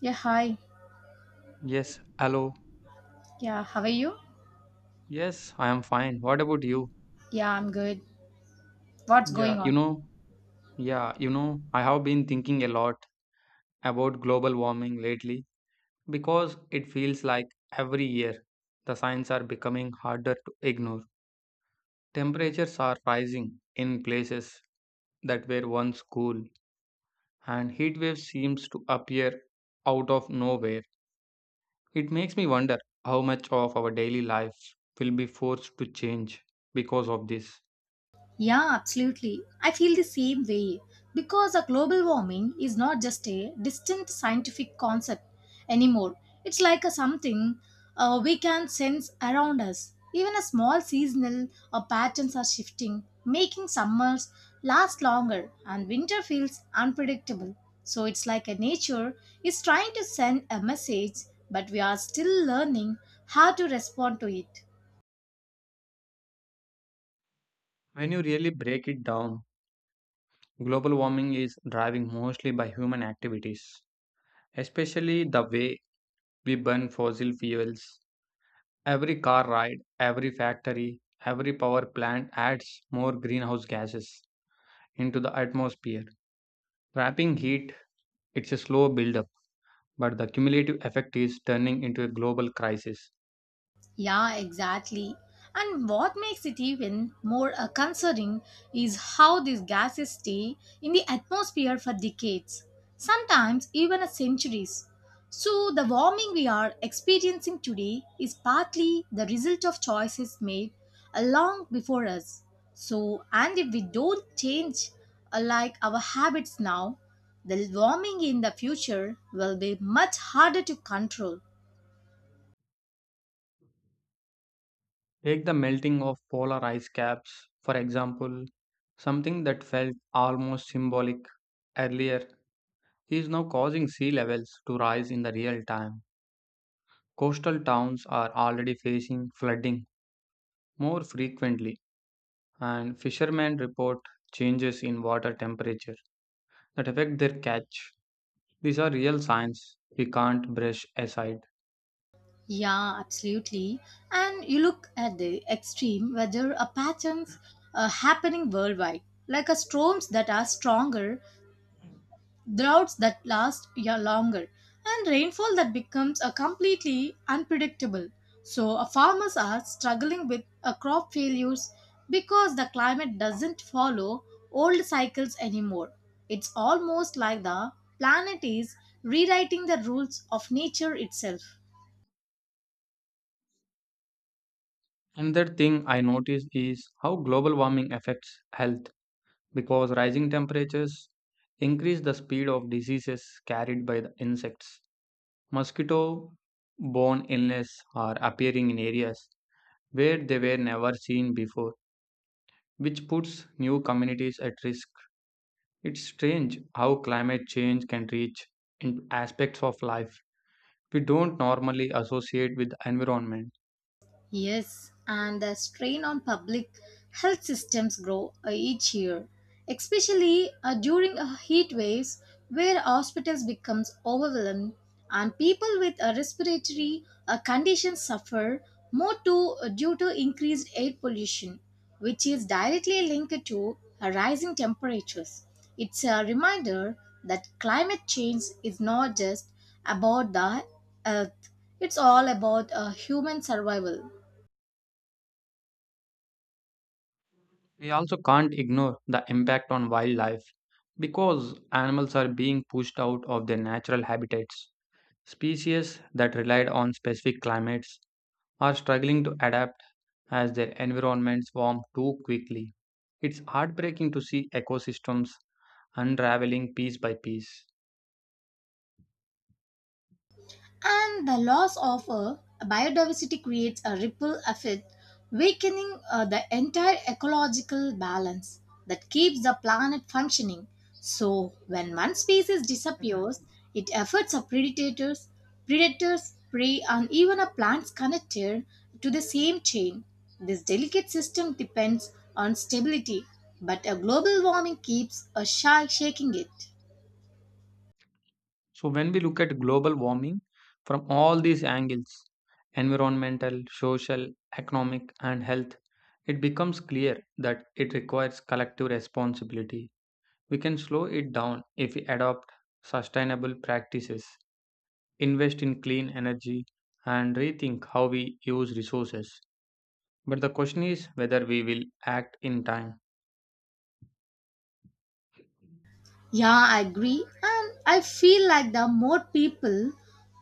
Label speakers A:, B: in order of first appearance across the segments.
A: Yeah, hi.
B: Yes, hello.
A: Yeah, how are you?
B: Yes, I am fine. What about you?
A: Yeah, I'm good. What's going
B: Yeah,
A: on?
B: yeah, I have been thinking a lot about global warming lately because it feels like every year the signs are becoming harder to ignore. Temperatures are rising in places that were once cool, and heat waves seems to appear out of nowhere. It makes me wonder how much of our daily life will be forced to change because of this.
A: Yeah, absolutely. I feel the same way because a global warming is not just a distant scientific concept anymore. It's like a something we can sense around us. Even a small seasonal patterns are shifting, making summers last longer and winter feels unpredictable. So it's like a nature is trying to send a message, but we are still learning how to respond to it.
B: When you really break it down, global warming is driven mostly by human activities, especially the way we burn fossil fuels. Every car ride, every factory, every power plant adds more greenhouse gases into the atmosphere. Trapping heat, it's a slow buildup, but the cumulative effect is turning into a global crisis.
A: Yeah, exactly. And what makes it even more concerning is how these gases stay in the atmosphere for decades, sometimes even a centuries. So, the warming we are experiencing today is partly the result of choices made long before us. So, and if we don't change like our habits now, the warming in the future will be much harder to control.
B: Take the melting of polar ice caps, for example, something that felt almost symbolic earlier is now causing sea levels to rise in the real time. Coastal towns are already facing flooding more frequently, and fishermen report changes in water temperature that affect their catch. These are real signs we can't brush aside.
A: Yeah, absolutely. And you look at the extreme weather patterns happening worldwide, like a storms that are stronger, droughts that last yeah, longer, and rainfall that becomes a completely unpredictable. So, farmers are struggling with crop failures because the climate doesn't follow old cycles anymore. It's almost like the planet is rewriting the rules of nature itself.
B: Another thing I noticed is how global warming affects health because rising temperatures increase the speed of diseases carried by the insects. Mosquito borne illness are appearing in areas where they were never seen before, which puts new communities at risk. It's strange how climate change can reach into aspects of life we don't normally associate with the environment.
A: Yes, and the strain on public health systems grow each year, especially during heat waves where hospitals becomes overwhelmed and people with respiratory conditions suffer more to, due to increased air pollution, which is directly linked to rising temperatures. It's a reminder that climate change is not just about the earth; it's all about human survival.
B: We also can't ignore the impact on wildlife because animals are being pushed out of their natural habitats. Species that relied on specific climates are struggling to adapt as their environments warm too quickly. It's heartbreaking to see ecosystems unraveling piece by piece.
A: And the loss of biodiversity creates a ripple effect, weakening the entire ecological balance that keeps the planet functioning. So, when one species disappears, it affects a predators, prey, and even a plants connected to the same chain. This delicate system depends on stability, but a global warming keeps a shark shaking it.
B: So, when we look at global warming from all these angles environmental, social, economic, and health it becomes clear that it requires collective responsibility. We can slow it down if we adopt sustainable practices, invest in clean energy, and rethink how we use resources. But the question is whether we will act in time.
A: Yeah, I agree. And I feel like the more people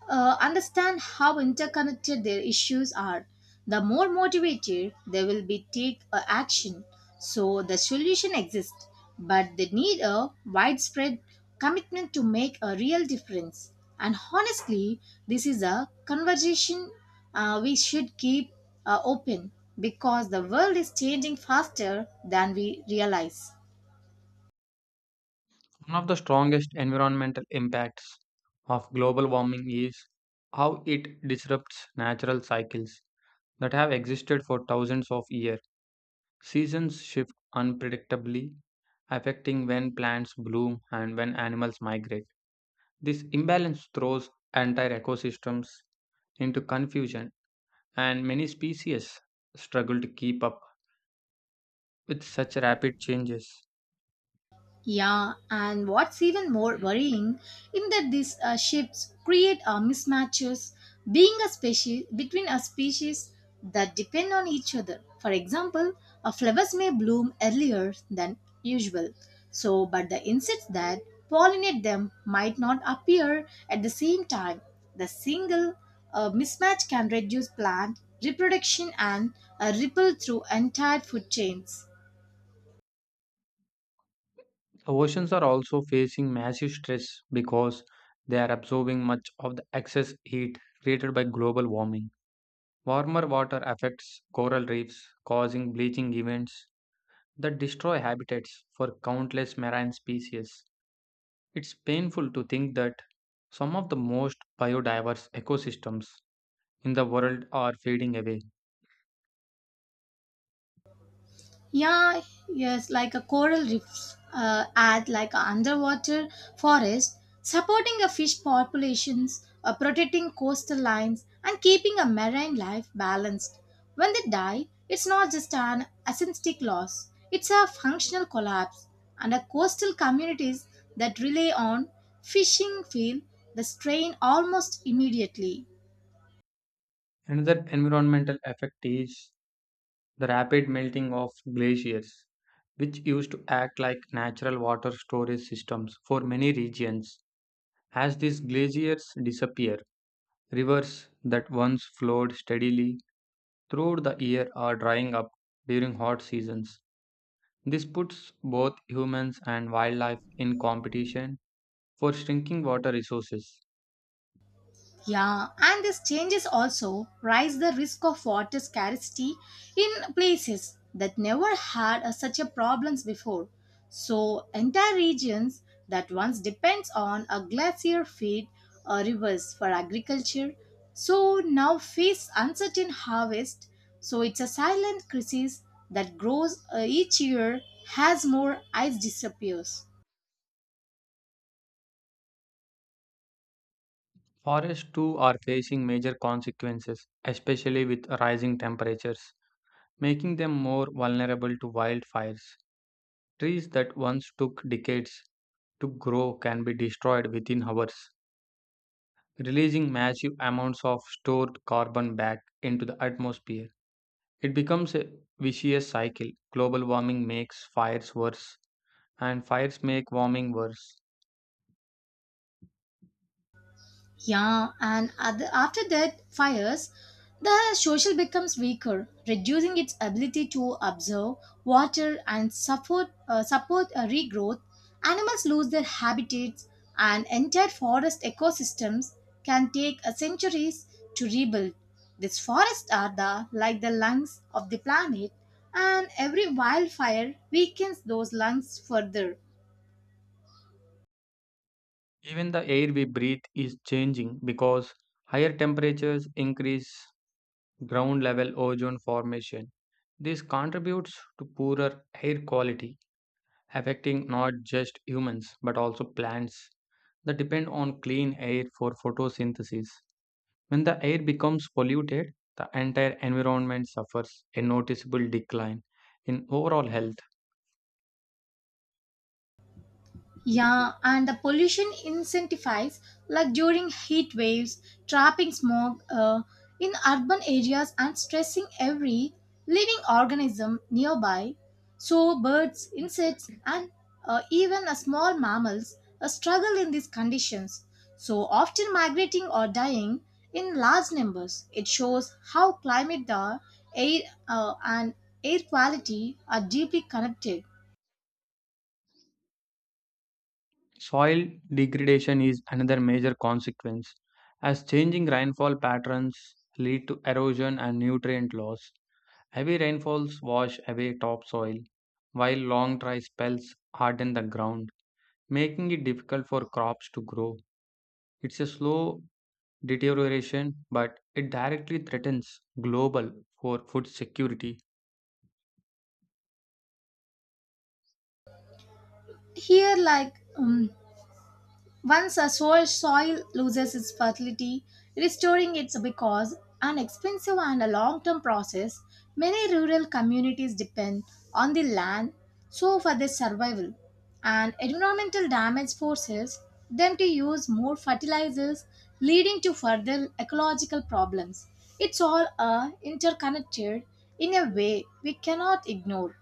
A: understand how interconnected their issues are, the more motivated they will be take action. So the solution exists, but they need a widespread commitment to make a real difference. And honestly, this is a conversation we should keep open because the world is changing faster than we realize.
B: One of the strongest environmental impacts of global warming is how it disrupts natural cycles that have existed for thousands of years. Seasons shift unpredictably, affecting when plants bloom and when animals migrate. This imbalance throws entire ecosystems into confusion, and many species struggle to keep up with such rapid changes.
A: Yeah, and what's even more worrying in that these shifts create mismatches being a species between a species that depend on each other. For example, flowers may bloom earlier than usual, so but the insects that pollinate them might not appear at the same time. The single mismatch can reduce plant reproduction and ripple through entire food chains.
B: Oceans are also facing massive stress because they are absorbing much of the excess heat created by global warming. Warmer water affects coral reefs, causing bleaching events that destroy habitats for countless marine species. It's painful to think that some of the most biodiverse ecosystems in the world are fading away.
A: Yeah, yes, like a coral reefs act like a underwater forest, supporting a fish populations, protecting coastal lines, and keeping a marine life balanced. When they die, it's not just an aesthetic loss; it's a functional collapse. And the coastal communities that rely on fishing feel the strain almost immediately.
B: Another environmental effect is the rapid melting of glaciers, which used to act like natural water storage systems for many regions. As these glaciers disappear, rivers that once flowed steadily throughout the year are drying up during hot seasons. This puts both humans and wildlife in competition for shrinking water resources.
A: Yeah, and these changes also raise the risk of water scarcity in places that never had such a problems before. So entire regions that once depends on a glacier feed or rivers for agriculture, so now face uncertain harvest. So it's a silent crisis that grows each year as more ice disappears.
B: Forests too are facing major consequences, especially with rising temperatures, making them more vulnerable to wildfires. Trees that once took decades to grow can be destroyed within hours, releasing massive amounts of stored carbon back into the atmosphere. It becomes a vicious cycle. Global warming makes fires worse, and fires make warming worse.
A: Yeah, and after that fires, the social becomes weaker, reducing its ability to observe, water, and support regrowth. Animals lose their habitats, and entire forest ecosystems can take centuries to rebuild. These forests are the like the lungs of the planet, and every wildfire weakens those lungs further.
B: Even the air we breathe is changing because higher temperatures increase ground level ozone formation. This contributes to poorer air quality, affecting not just humans but also plants that depend on clean air for photosynthesis. When the air becomes polluted, the entire environment suffers a noticeable decline in overall health.
A: Yeah, and the pollution intensifies like during heat waves, trapping smog in urban areas and stressing every living organism nearby. So birds, insects, and even small mammals struggle in these conditions. So often migrating or dying in large numbers. It shows how climate, the air, and air quality are deeply connected.
B: Soil degradation is another major consequence, as changing rainfall patterns lead to erosion and nutrient loss. Heavy rainfalls wash away topsoil, while long dry spells harden the ground, making it difficult for crops to grow. It's a slow deterioration, but it directly threatens global for food security.
A: Here, like once a soil loses its fertility, restoring it becomes an expensive and a long-term process. Many rural communities depend on the land so for their survival, and environmental damage forces them to use more fertilizers, leading to further ecological problems. It's all interconnected in a way we cannot ignore.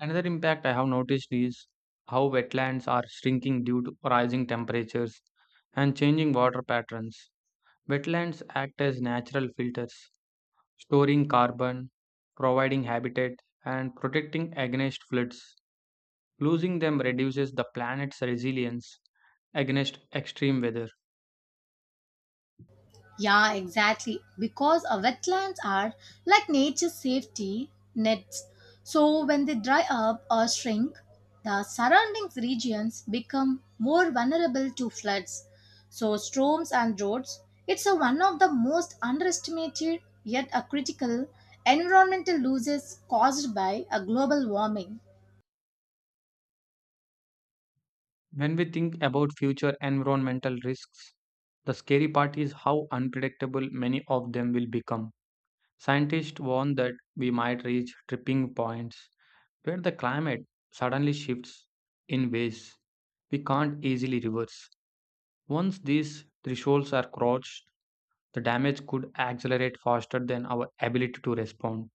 B: Another impact I have noticed is how wetlands are shrinking due to rising temperatures and changing water patterns. Wetlands act as natural filters, storing carbon, providing habitat, and protecting against floods. Losing them reduces the planet's resilience against extreme weather.
A: Yeah, exactly. Because our wetlands are like nature's safety nets. So when they dry up or shrink, the surrounding regions become more vulnerable to floods. So storms and droughts, it's a one of the most underestimated yet a critical environmental losses caused by a global warming.
B: When we think about future environmental risks, the scary part is how unpredictable many of them will become. Scientists warn that we might reach tripping points where the climate suddenly shifts in ways we can't easily reverse. Once these thresholds are crossed, the damage could accelerate faster than our ability to respond.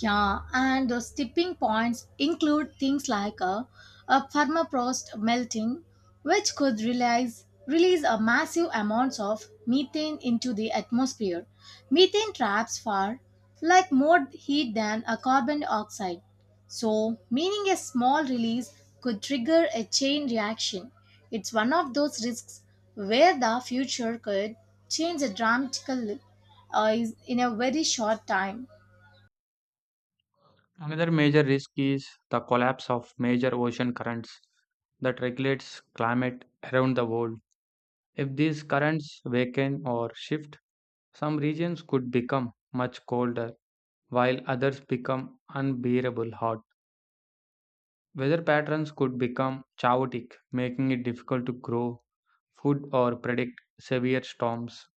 A: Yeah, and those tipping points include things like a permafrost melting, which could release a massive amounts of methane into the atmosphere. Methane traps far like more heat than a carbon dioxide. So, meaning a small release could trigger a chain reaction. It's one of those risks where the future could change dramatically uh, in a very short time.
B: Another major risk is the collapse of major ocean currents that regulates climate around the world. If these currents weaken or shift, some regions could become much colder while others become unbearable hot. Weather patterns could become chaotic, making it difficult to grow food or predict severe storms.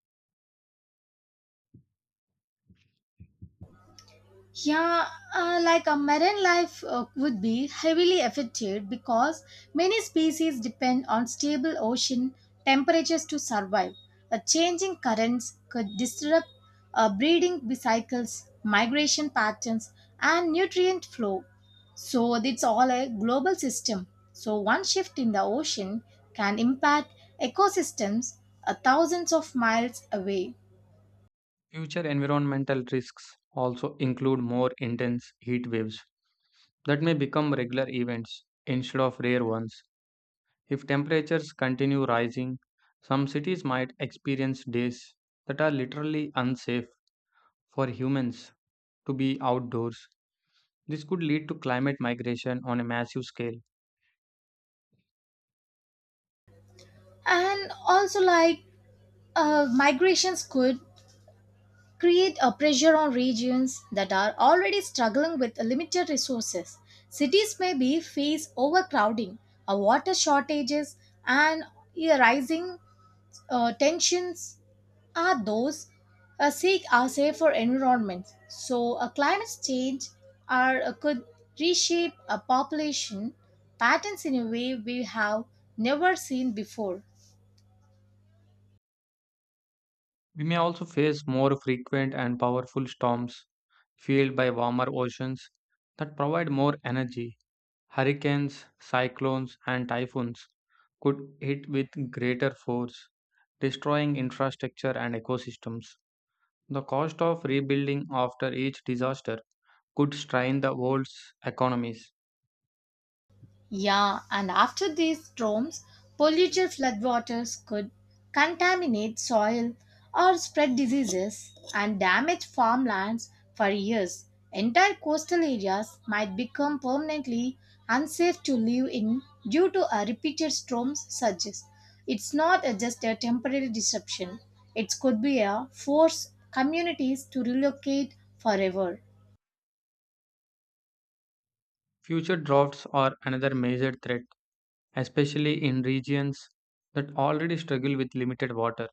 A: Yeah, like a marine life would be heavily affected because many species depend on stable ocean temperatures to survive. A changing currents could disrupt breeding cycles, migration patterns, and nutrient flow. So it's all a global system. So one shift in the ocean can impact ecosystems thousands of miles away.
B: Future environmental risks also include more intense heat waves that may become regular events instead of rare ones. If temperatures continue rising, some cities might experience days that are literally unsafe for humans to be outdoors. This could lead to climate migration on a massive scale.
A: And also, like migrations could create a pressure on regions that are already struggling with limited resources. Cities may be face overcrowding, a water shortages, and a rising tensions are those seek a safer environment. So, a climate change are, could reshape a population patterns in a way we have never seen before.
B: We may also face more frequent and powerful storms fueled by warmer oceans that provide more energy. Hurricanes, cyclones, and typhoons could hit with greater force, destroying infrastructure and ecosystems. The cost of rebuilding after each disaster could strain the world's economies.
A: Yeah, and after these storms, polluted floodwaters could contaminate soil or spread diseases and damage farmlands for years. Entire coastal areas might become permanently unsafe to live in due to a repeated storms such as. It's not just a temporary disruption. It could be a force communities to relocate forever.
B: Future droughts are another major threat, especially in regions that already struggle with limited water.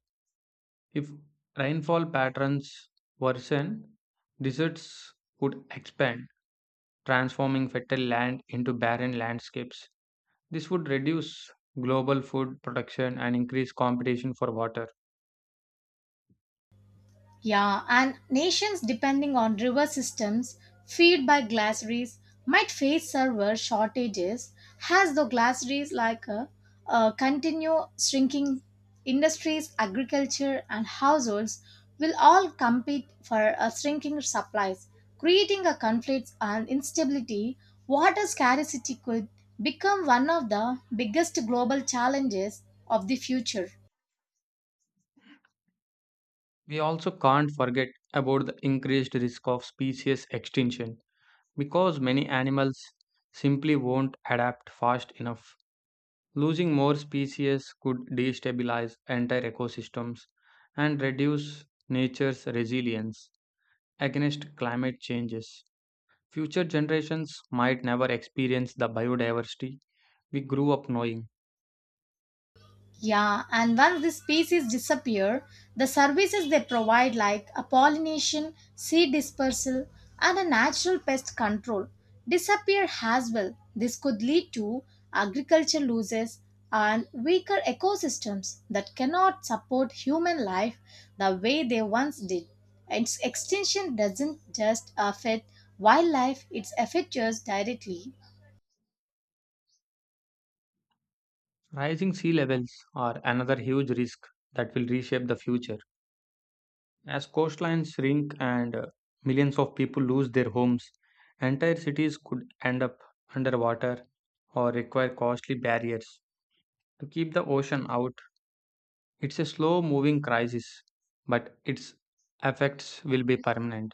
B: If rainfall patterns worsen, deserts could expand, transforming fertile land into barren landscapes. This would reduce global food production and increase competition for water.
A: Yeah, and nations depending on river systems fed by glaciers might face server shortages as the glaciers like continue shrinking industries, agriculture and households will all compete for shrinking supplies, creating a conflict and instability. Water scarcity could become one of the biggest global challenges of the future.
B: We also can't forget about the increased risk of species extinction because many animals simply won't adapt fast enough. Losing more species could destabilize entire ecosystems and reduce nature's resilience against climate changes. Future generations might never experience the biodiversity we grew up knowing.
A: Yeah, and once the species disappear, the services they provide, like a pollination, seed dispersal, and a natural pest control, disappear as well. This could lead to agriculture losses and weaker ecosystems that cannot support human life the way they once did. Its extinction doesn't just affect wildlife, it affects us directly.
B: Rising sea levels are another huge risk that will reshape the future. As coastlines shrink and millions of people lose their homes, entire cities could end up underwater or require costly barriers to keep the ocean out. It's a slow moving crisis, but its effects will be permanent.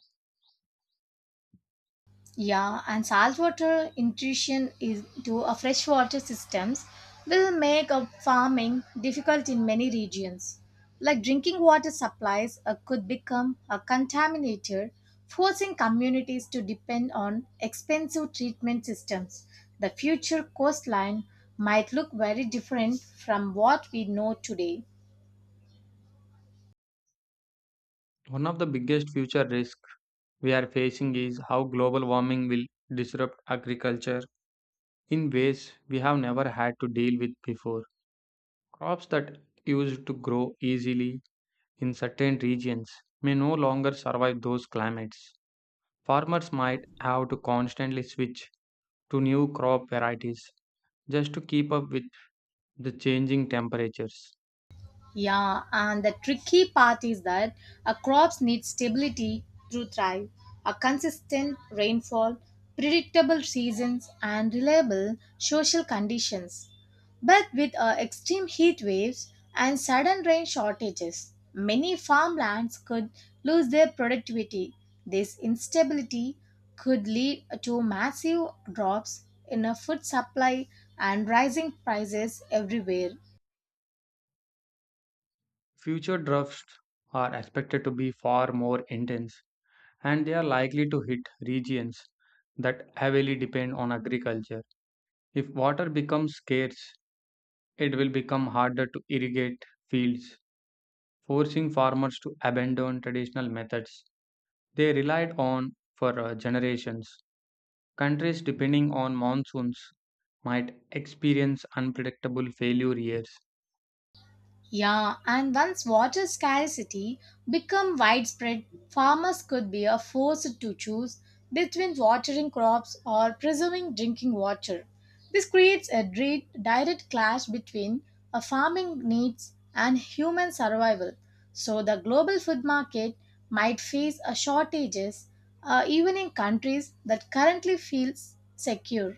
A: Yeah, and saltwater intrusion into a freshwater systems will make a farming difficult in many regions. Like drinking water supplies could become a contaminator, forcing communities to depend on expensive treatment systems. The future coastline might look very different from what we know today.
B: One of the biggest future risks we are facing is how global warming will disrupt agriculture in ways we have never had to deal with before. Crops that used to grow easily in certain regions may no longer survive those climates. Farmers might have to constantly switch to new crop varieties just to keep up with the changing temperatures.
A: Yeah, and the tricky part is that a crops need stability to thrive. A consistent rainfall, predictable seasons, and reliable social conditions. But with extreme heat waves and sudden rain shortages, many farmlands could lose their productivity. This instability could lead to massive drops in a food supply and rising prices everywhere.
B: Future droughts are expected to be far more intense and they are likely to hit regions that heavily depend on agriculture. If water becomes scarce, it will become harder to irrigate fields, forcing farmers to abandon traditional methods they relied on for generations. Countries depending on monsoons might experience unpredictable failure years.
A: Yeah, and once water scarcity become widespread, farmers could be are forced to choose between watering crops or preserving drinking water. This creates a direct clash between a farming needs and human survival. So the global food market might face a shortages even in countries that currently feels secure.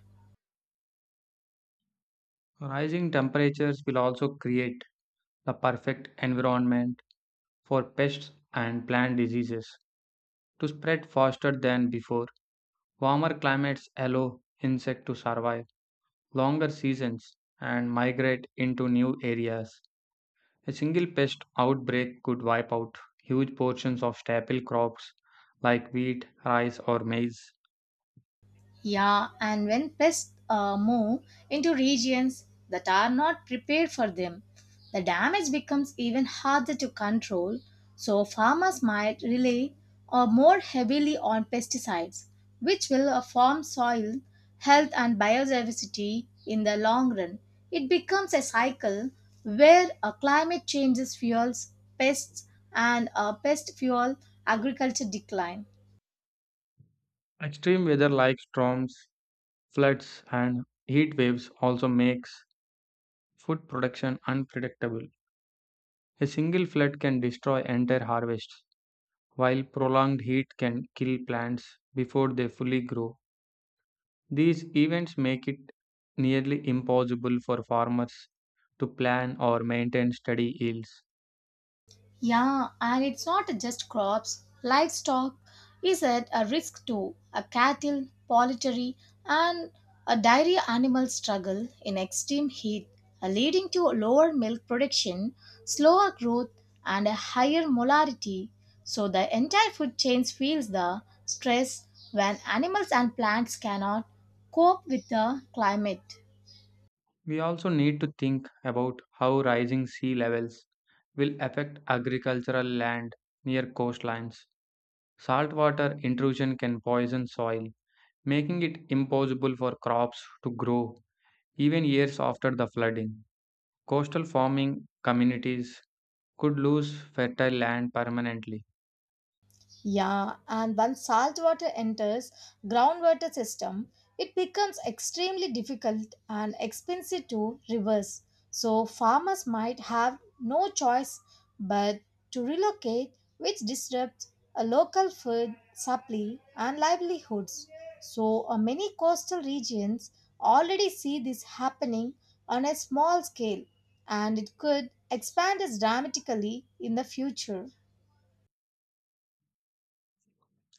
B: Rising temperatures will also create the perfect environment for pests and plant diseases to spread faster than before. Warmer climates allow insects to survive longer seasons and migrate into new areas. A single pest outbreak could wipe out huge portions of staple crops like wheat, rice, or maize.
A: Yeah, and when pests move into regions that are not prepared for them, the damage becomes even harder to control. So, farmers might rely more heavily on pesticides, which will harm soil health and biodiversity in the long run. It becomes a cycle where climate changes fuels pests and pest fuel agriculture decline.
B: Extreme weather like storms, floods, and heat waves also makes food production unpredictable. A single flood can destroy entire harvests while prolonged heat can kill plants before they fully grow. These events make it nearly impossible for farmers to plan or maintain steady yields.
A: Yeah, and it's not just crops. Livestock is at a risk too. A cattle, poultry, and a dairy animal struggle in extreme heat, leading to lower milk production, slower growth, and a higher molarity. So the entire food chain feels the stress when animals and plants cannot cope with the climate.
B: We also need to think about how rising sea levels will affect agricultural land near coastlines. Saltwater intrusion can poison soil, making it impossible for crops to grow even years after the flooding. Coastal farming communities could lose fertile land permanently.
A: Yeah, and once salt water enters groundwater system, it becomes extremely difficult and expensive to reverse. So farmers might have no choice but to relocate, which disrupts a local food supply and livelihoods. So many coastal regions already see this happening on a small scale, and it could expand as dramatically in the future.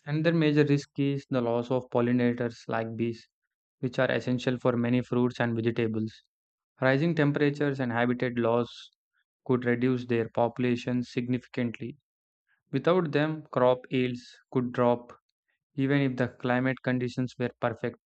B: Another major risk is the loss of pollinators like bees, which are essential for many fruits and vegetables. Rising temperatures and habitat loss could reduce their populations significantly. Without them, crop yields could drop even if the climate conditions were perfect.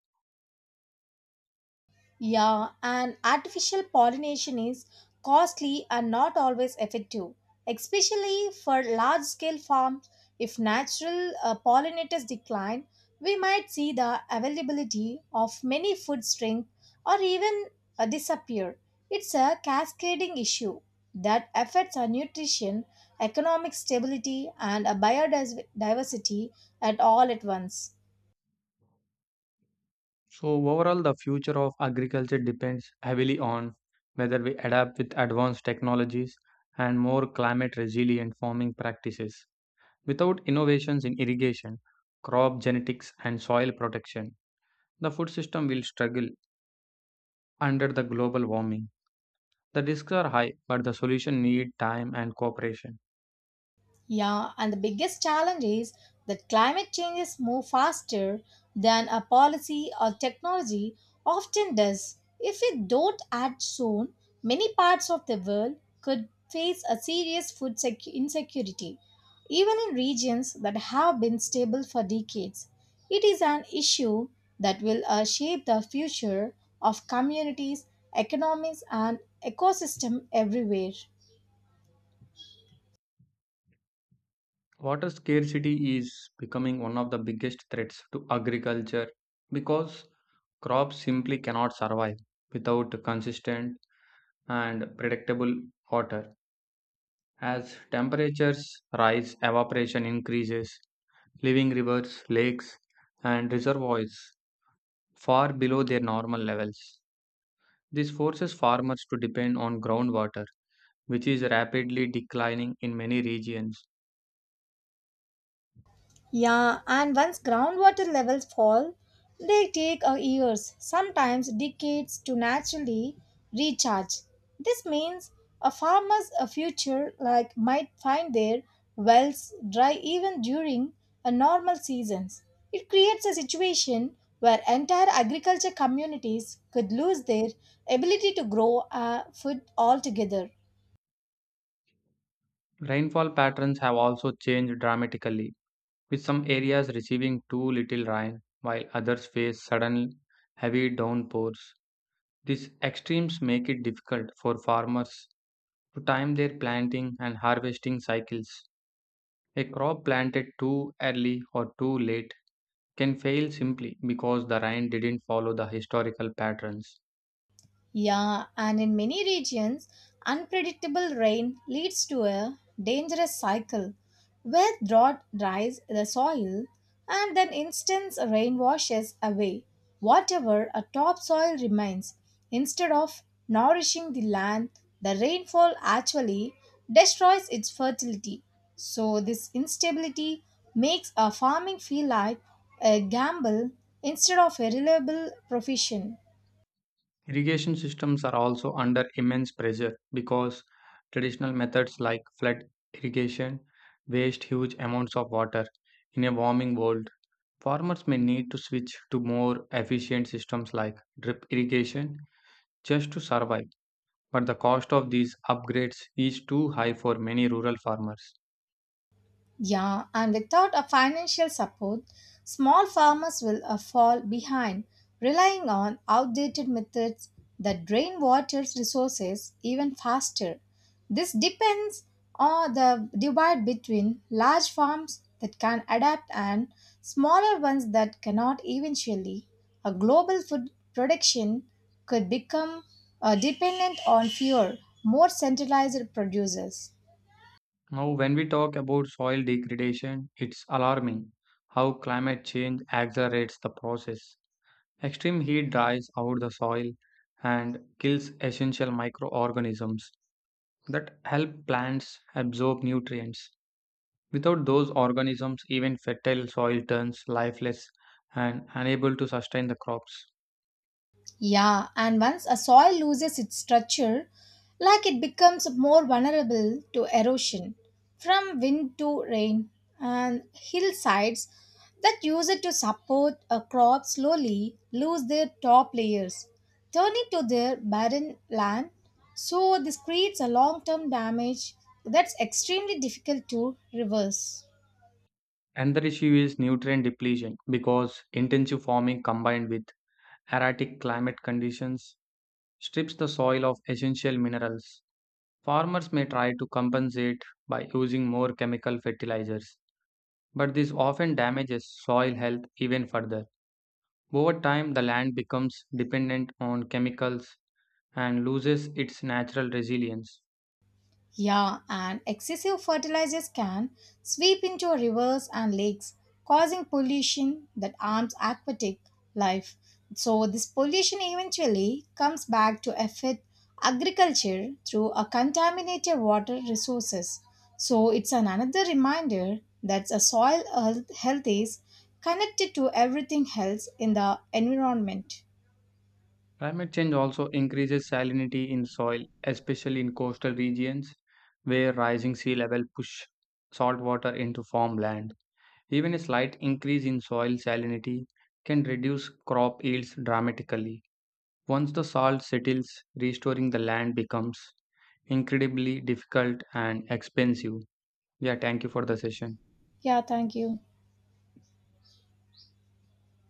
A: Yeah, and artificial pollination is costly and not always effective, especially for large scale farms. If natural pollinators decline, we might see the availability of many food strength or even disappear. It's a cascading issue that affects our nutrition, economic stability, and biodiversity at all at once.
B: So, overall, the future of agriculture depends heavily on whether we adapt with advanced technologies and more climate resilient farming practices. Without innovations in irrigation, crop genetics, and soil protection, the food system will struggle under the global warming. The risks are high, but the solution need time and cooperation.
A: Yeah, and the biggest challenge is that climate changes move faster than a policy or technology often does. If we don't act soon, many parts of the world could face a serious food insecurity, even in regions that have been stable for decades. It is an issue that will shape the future of communities, economies, and ecosystem everywhere.
B: Water scarcity is becoming one of the biggest threats to agriculture because crops simply cannot survive without consistent and predictable water. As temperatures rise, evaporation increases, leaving rivers, lakes, and reservoirs far below their normal levels. This forces farmers to depend on groundwater, which is rapidly declining in many regions.
A: Yeah, and once groundwater levels fall, they take years, sometimes decades, to naturally recharge. This means a farmer's future like might find their wells dry even during a normal seasons. It creates a situation where entire agriculture communities could lose their ability to grow food altogether.
B: Rainfall patterns have also changed dramatically, with some areas receiving too little rain while others face sudden heavy downpours. These extremes make it difficult for farmers to time their planting and harvesting cycles. A crop planted too early or too late can fail simply because the rain didn't follow the historical patterns.
A: Yeah, and in many regions, unpredictable rain leads to a dangerous cycle where drought dries the soil and then instant rain washes away whatever a topsoil remains. Instead of nourishing the land, the rainfall actually destroys its fertility. So, this instability makes a farming feel like a gamble instead of a reliable profession.
B: Irrigation systems are also under immense pressure because traditional methods like flood irrigation waste huge amounts of water. In a warming world, farmers may need to switch to more efficient systems like drip irrigation just to survive, but the cost of these upgrades is too high for many rural farmers.
A: Yeah, and without a financial support, small farmers will fall behind, relying on outdated methods that drain water resources even faster. This depends on the divide between large farms that can adapt and smaller ones that cannot eventually. A global food production could become dependent on fewer, more centralized producers.
B: Now, when we talk about soil degradation, it's alarming how climate change accelerates the process. Extreme heat dries out the soil and kills essential microorganisms that help plants absorb nutrients. Without those organisms, even fertile soil turns lifeless and unable to sustain the crops.
A: Yeah, and once a soil loses its structure, like it becomes more vulnerable to erosion from wind to rain, and hillsides that use it to support a crop slowly lose their top layers, turning to their barren land. So, this creates a long term damage that's extremely difficult to reverse.
B: Another issue is nutrient depletion because intensive farming combined with erratic climate conditions strips the soil of essential minerals. Farmers may try to compensate by using more chemical fertilizers, but this often damages soil health even further. Over time, the land becomes dependent on chemicals and loses its natural resilience.
A: Yeah, and excessive fertilizers can sweep into rivers and lakes, causing pollution that harms aquatic life. So, this pollution eventually comes back to affect agriculture through a contaminated water resources. So, it's an another reminder that a soil health is connected to everything else in the environment.
B: Climate change also increases salinity in soil, especially in coastal regions where rising sea level push salt water into farmland. Even a slight increase in soil salinity can reduce crop yields dramatically. Once the salt settles, restoring the land becomes incredibly difficult and expensive. Yeah, thank you for the session.
A: Yeah, thank you.